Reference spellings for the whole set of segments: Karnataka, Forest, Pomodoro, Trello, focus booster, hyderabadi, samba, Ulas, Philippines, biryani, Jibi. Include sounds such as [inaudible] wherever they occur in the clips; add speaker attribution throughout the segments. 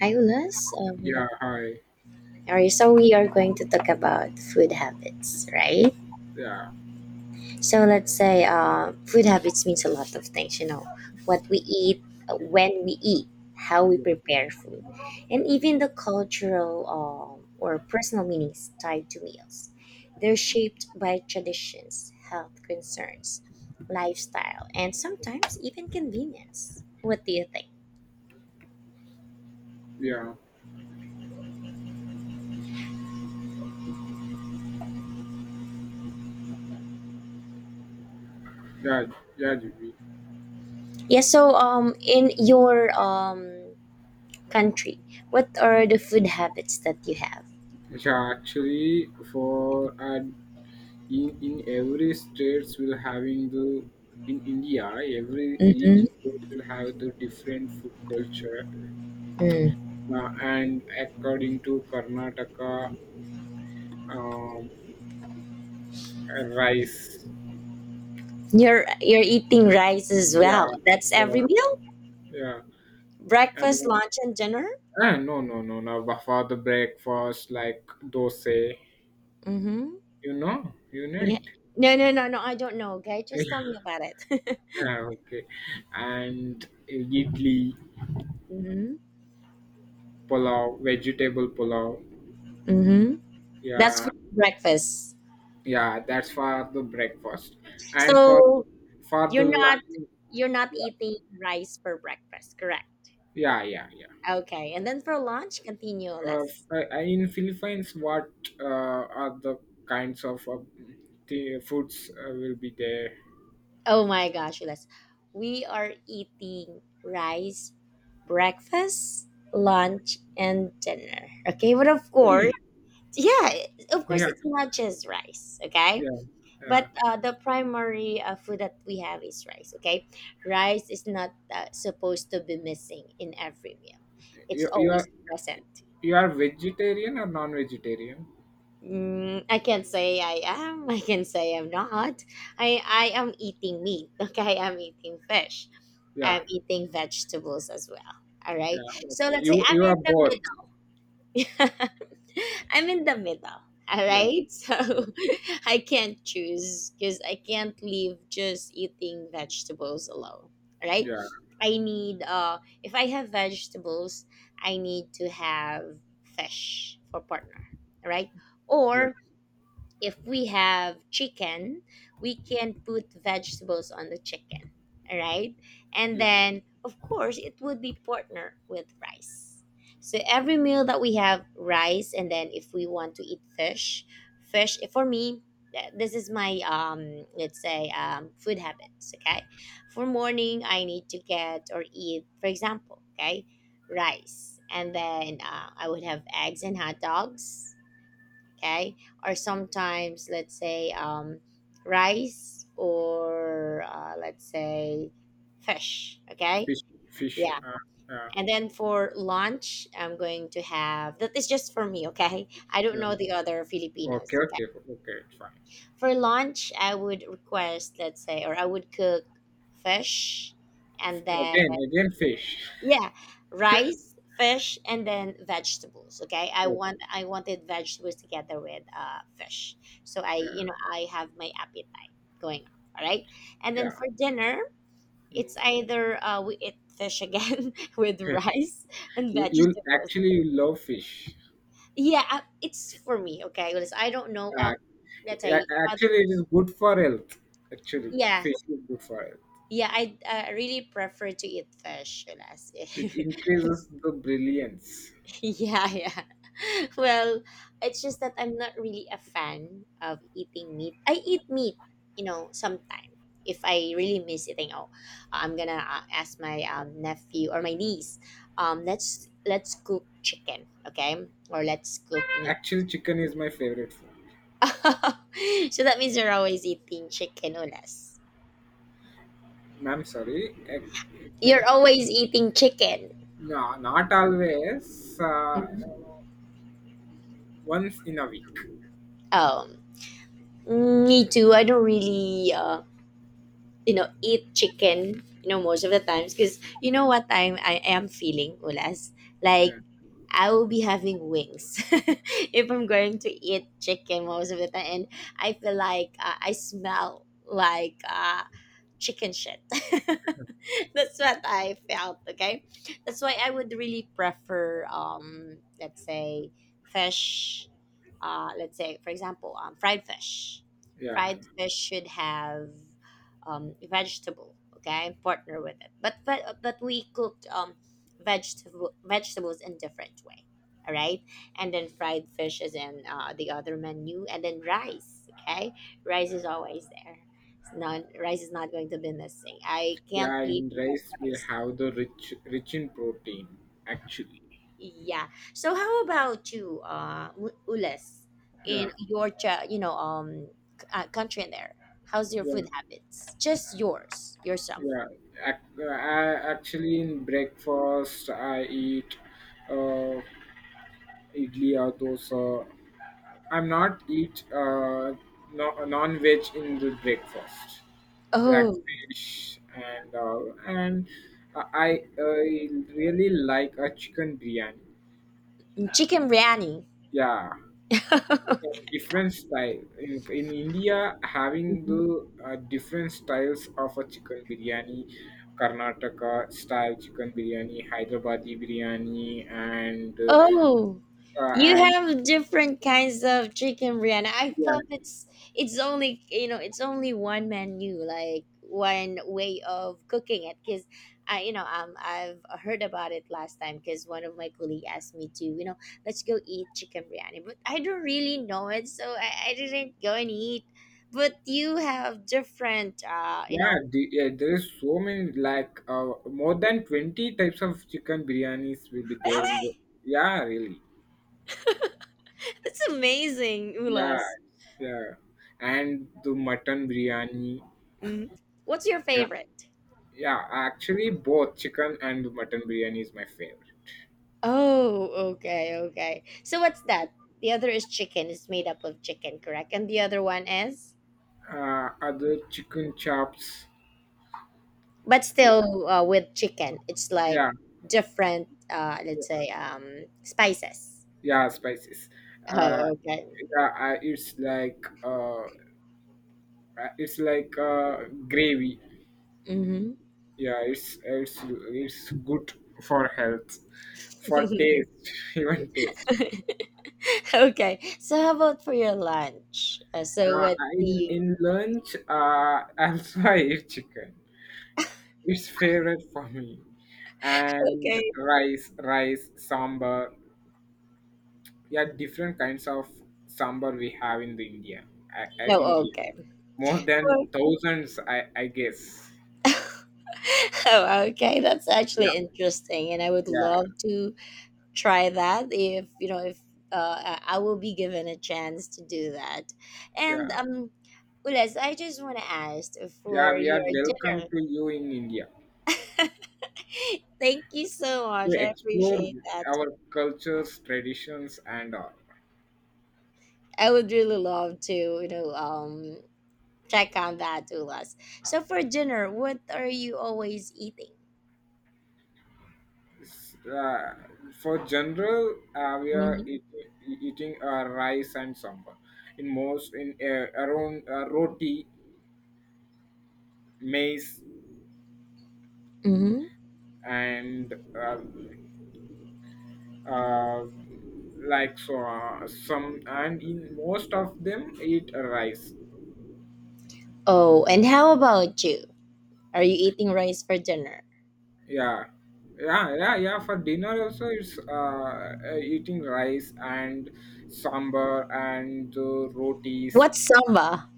Speaker 1: Hi, Ulas.
Speaker 2: Yeah, hi.
Speaker 1: All right, so we are going to talk about food habits, right?
Speaker 2: Yeah,
Speaker 1: So let's say food habits means a lot of things, you know, what we eat, when we eat, how we prepare food, and even the cultural or personal meanings tied to meals. They're shaped by traditions, health concerns, lifestyle, and sometimes even convenience. What do you think?
Speaker 2: yeah, yeah, yeah, Jibi.
Speaker 1: Yeah, so in your country, what are the food habits that you have?
Speaker 2: Yeah, actually, for in every states will having the in India, every each
Speaker 1: Mm-hmm.
Speaker 2: state will have the different food culture,
Speaker 1: Mm.
Speaker 2: and according to Karnataka, um, rice.
Speaker 1: You're eating rice as
Speaker 2: Yeah,
Speaker 1: well. That's
Speaker 2: yeah,
Speaker 1: every meal,
Speaker 2: yeah.
Speaker 1: breakfast,
Speaker 2: And,
Speaker 1: lunch, and dinner.
Speaker 2: no, no, no, no. For the breakfast, like dosa,
Speaker 1: Mm-hmm.
Speaker 2: you know
Speaker 1: Yeah. No, no, no, no. I don't know. Okay,
Speaker 2: it.
Speaker 1: just tell me about it. [laughs]
Speaker 2: Yeah, okay. And idli,
Speaker 1: Mm-hmm.
Speaker 2: pulao, vegetable pulao.
Speaker 1: Mm-hmm. That's
Speaker 2: Yeah,
Speaker 1: for breakfast.
Speaker 2: yeah, that's for the breakfast. And for the,
Speaker 1: So
Speaker 2: for the
Speaker 1: you're not
Speaker 2: lunch,
Speaker 1: you're not eating rice for breakfast, correct?
Speaker 2: yeah, yeah, yeah.
Speaker 1: Okay, and then for lunch, continue less.
Speaker 2: In Philippines, what are the kinds of the foods will be there?
Speaker 1: Oh my gosh, Les. We are eating rice, breakfast, lunch, and dinner. Okay, but of
Speaker 2: Really?
Speaker 1: course, yeah, of
Speaker 2: Yeah,
Speaker 1: course, it's not just rice, okay?
Speaker 2: yeah,
Speaker 1: But
Speaker 2: yeah.
Speaker 1: the primary food that we have is rice, okay? Rice is not supposed to be missing in every meal, it's
Speaker 2: You, you
Speaker 1: always
Speaker 2: are
Speaker 1: present.
Speaker 2: you are vegetarian or non-vegetarian?
Speaker 1: I can say I am. I can say I'm not. I am eating meat. [laughs] Okay, I'm eating fish.
Speaker 2: Yeah,
Speaker 1: I'm eating vegetables as well. All right.
Speaker 2: yeah.
Speaker 1: So
Speaker 2: Okay.
Speaker 1: let's say
Speaker 2: You
Speaker 1: I'm
Speaker 2: you are
Speaker 1: in
Speaker 2: both.
Speaker 1: the middle. [laughs] I'm in the middle. All
Speaker 2: Yeah,
Speaker 1: right.
Speaker 2: yeah,
Speaker 1: So [laughs] I can't choose because I can't leave just eating vegetables alone. All right.
Speaker 2: yeah,
Speaker 1: I need if I have vegetables, I need to have fish for partner. All right.
Speaker 2: yeah.
Speaker 1: Or if we have chicken, we can put vegetables on the chicken, all right? And
Speaker 2: Yeah,
Speaker 1: then, of course, it would be partner with rice. So every meal that we have rice, and then if we want to eat fish, fish for me, this is my let's say food habits. Okay, for morning I need to get or eat, for example, okay, rice, and then I would have eggs and hot dogs, okay, or sometimes let's say rice or let's say fish, okay,
Speaker 2: fish, fish.
Speaker 1: yeah,
Speaker 2: Yeah,
Speaker 1: and then for lunch I'm going to have, that is just for me, okay, I don't
Speaker 2: yeah.
Speaker 1: know the other
Speaker 2: Okay,
Speaker 1: Filipinos, okay.
Speaker 2: okay, okay. Fine.
Speaker 1: For lunch I would request, let's say, or I would cook fish, and then,
Speaker 2: Again, again, fish.
Speaker 1: yeah, rice, fish, and then vegetables, okay, i
Speaker 2: Okay.
Speaker 1: want i wanted vegetables together with fish. So I you
Speaker 2: Yeah,
Speaker 1: know I have my appetite going up, all right, and then
Speaker 2: yeah.
Speaker 1: for dinner
Speaker 2: Mm.
Speaker 1: it's either we eat fish again [laughs] with
Speaker 2: [laughs]
Speaker 1: rice and
Speaker 2: you, you
Speaker 1: vegetables.
Speaker 2: actually you love fish.
Speaker 1: Yeah, it's for me, okay, because I don't know,
Speaker 2: Uh,
Speaker 1: let's say, other
Speaker 2: actually, it
Speaker 1: people.
Speaker 2: is good for health. Actually,
Speaker 1: Yeah,
Speaker 2: fish is good for health.
Speaker 1: yeah, I really prefer to eat fish less.
Speaker 2: It
Speaker 1: [laughs]
Speaker 2: increases the brilliance.
Speaker 1: Yeah, yeah. [laughs] Well, it's just that I'm not really a fan of eating meat. I eat meat, sometime. If I really miss eating, oh, I'm gonna ask my nephew or my niece. Let's cook chicken, okay, or let's cook meat.
Speaker 2: Actually, chicken is my favorite food.
Speaker 1: [laughs] So that means you're always eating chicken, Ulas.
Speaker 2: Ma'am, sorry. I
Speaker 1: You're
Speaker 2: think,
Speaker 1: always eating chicken.
Speaker 2: no, not always.
Speaker 1: Mhm.
Speaker 2: Once in a week.
Speaker 1: Um, Me too. I don't really, eat chicken, most of the times. Because you know what I am feeling, Ulas? Like,
Speaker 2: Yeah,
Speaker 1: I will be having wings [laughs] if I'm going to eat chicken most of the time. And I feel like I smell like chicken shit. [laughs] That's what I felt, okay? That's why I would really prefer let's say fish let's say for example fried fish.
Speaker 2: yeah.
Speaker 1: Fried fish should have vegetable, okay? Partner with it. But we cooked vegetables in different way. All right? And then fried fish is in the other menu and then rice, okay? Rice is always there. It's not, rice is not going to be missing. I can't
Speaker 2: Yeah,
Speaker 1: live
Speaker 2: in
Speaker 1: without
Speaker 2: rice we
Speaker 1: rice.
Speaker 2: have the rich in protein actually.
Speaker 1: Yeah. So how about you, Ules,
Speaker 2: Yeah,
Speaker 1: in your country in there? How's your
Speaker 2: yeah,
Speaker 1: food habits? Just yours, yourself.
Speaker 2: yeah. Actually, in breakfast I eat uh, idli or dosa. I'm not eat no, non-veg in the breakfast, like
Speaker 1: Oh,
Speaker 2: fish and all. And I really like a chicken biryani.
Speaker 1: chicken biryani.
Speaker 2: Yeah, yeah, different style in india having
Speaker 1: [laughs]
Speaker 2: the different styles of a chicken biryani karnataka style chicken biryani, hyderabadi biryani, and uh,
Speaker 1: Oh,
Speaker 2: uh,
Speaker 1: you
Speaker 2: and
Speaker 1: have different kinds of chicken biryani. I
Speaker 2: yeah,
Speaker 1: thought it's only, it's only one menu, like one way of cooking it. Because I you know I've heard about it last time, because one of my colleague asked me to, let's go eat chicken biryani, but I don't really know it, so I didn't go and eat. But you have different
Speaker 2: yeah, yeah, there is so many more than 20 types of chicken biryanis will be there in the
Speaker 1: [laughs]
Speaker 2: yeah, really,
Speaker 1: that's amazing,
Speaker 2: yeah,
Speaker 1: Ulas.
Speaker 2: yeah, and the mutton biryani,
Speaker 1: Mhm. What's your
Speaker 2: yeah,
Speaker 1: favorite?
Speaker 2: yeah, actually both chicken and mutton biryani is my favorite.
Speaker 1: Oh, okay, okay. So what's that? The other is chicken. It's made up of chicken, correct? And the other one is,
Speaker 2: Other chicken chops.
Speaker 1: but
Speaker 2: Yeah,
Speaker 1: still with chicken. It's like
Speaker 2: yeah,
Speaker 1: different,
Speaker 2: yeah,
Speaker 1: let's say, spices.
Speaker 2: yeah, spices. Uh,
Speaker 1: Oh, okay.
Speaker 2: yeah, I it's like gravy. Yeah, it's good for health, for
Speaker 1: Mm-hmm. [laughs]
Speaker 2: taste, [laughs] even taste.
Speaker 1: Okay. So how about for your lunch? So
Speaker 2: Uh,
Speaker 1: what
Speaker 2: in
Speaker 1: the?
Speaker 2: in lunch, [laughs] also I eat chicken. It's favorite for me. And
Speaker 1: Okay.
Speaker 2: rice, rice, sambar, yeah, different kinds of sambar we have in the india.
Speaker 1: No.
Speaker 2: India
Speaker 1: Okay. [laughs]
Speaker 2: more than thousands, I guess.
Speaker 1: Oh, okay. That's actually
Speaker 2: Yeah,
Speaker 1: interesting, and I would love
Speaker 2: yeah,
Speaker 1: to try that if you know if I will be given a chance to do that.
Speaker 2: yeah,
Speaker 1: And Ules, I just want to ask
Speaker 2: yeah,
Speaker 1: for
Speaker 2: we are
Speaker 1: your
Speaker 2: welcome
Speaker 1: dinner.
Speaker 2: to you in india
Speaker 1: [laughs] Thank you so
Speaker 2: to
Speaker 1: much. I
Speaker 2: explore
Speaker 1: appreciate that.
Speaker 2: our cultures, traditions, and all.
Speaker 1: I would really love to check on that, Ules. So for dinner, what are you always eating?
Speaker 2: S- uh, for general we are
Speaker 1: Hmm.
Speaker 2: eating rice and sambar in most in around roti, maize,
Speaker 1: Hmm.
Speaker 2: and uh, uh, like some, and in most of them eat rice.
Speaker 1: Oh, and how about you? Are you eating rice for dinner?
Speaker 2: Yeah, yeah, yeah, yeah, for dinner also it's eating rice and sambar and rotis.
Speaker 1: What's samba?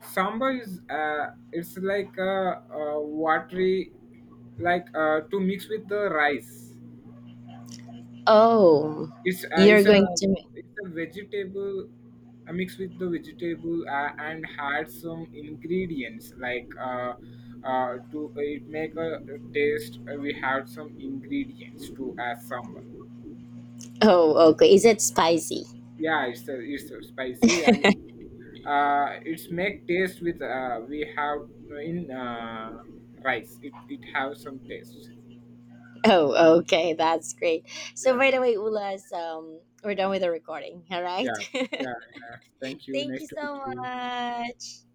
Speaker 2: Sambar is it's like a watery, like to mix with the rice.
Speaker 1: Oh,
Speaker 2: It's uh,
Speaker 1: you're
Speaker 2: it's a
Speaker 1: going to.
Speaker 2: it's a vegetable, a mix with the vegetable and had some ingredients, like to it make a taste. We had some ingredients to add sambal.
Speaker 1: Oh, okay. Is it spicy? [laughs]
Speaker 2: Yeah, it's a spicy and it's make taste with we have in rice. It have some taste.
Speaker 1: Oh, okay. That's great. So, by
Speaker 2: Yeah,
Speaker 1: the way, Ulas, we're done with the recording. All right.
Speaker 2: yeah,
Speaker 1: [laughs]
Speaker 2: yeah, yeah. Thank you.
Speaker 1: Thank
Speaker 2: Nice
Speaker 1: you
Speaker 2: to
Speaker 1: so
Speaker 2: meet you.
Speaker 1: much.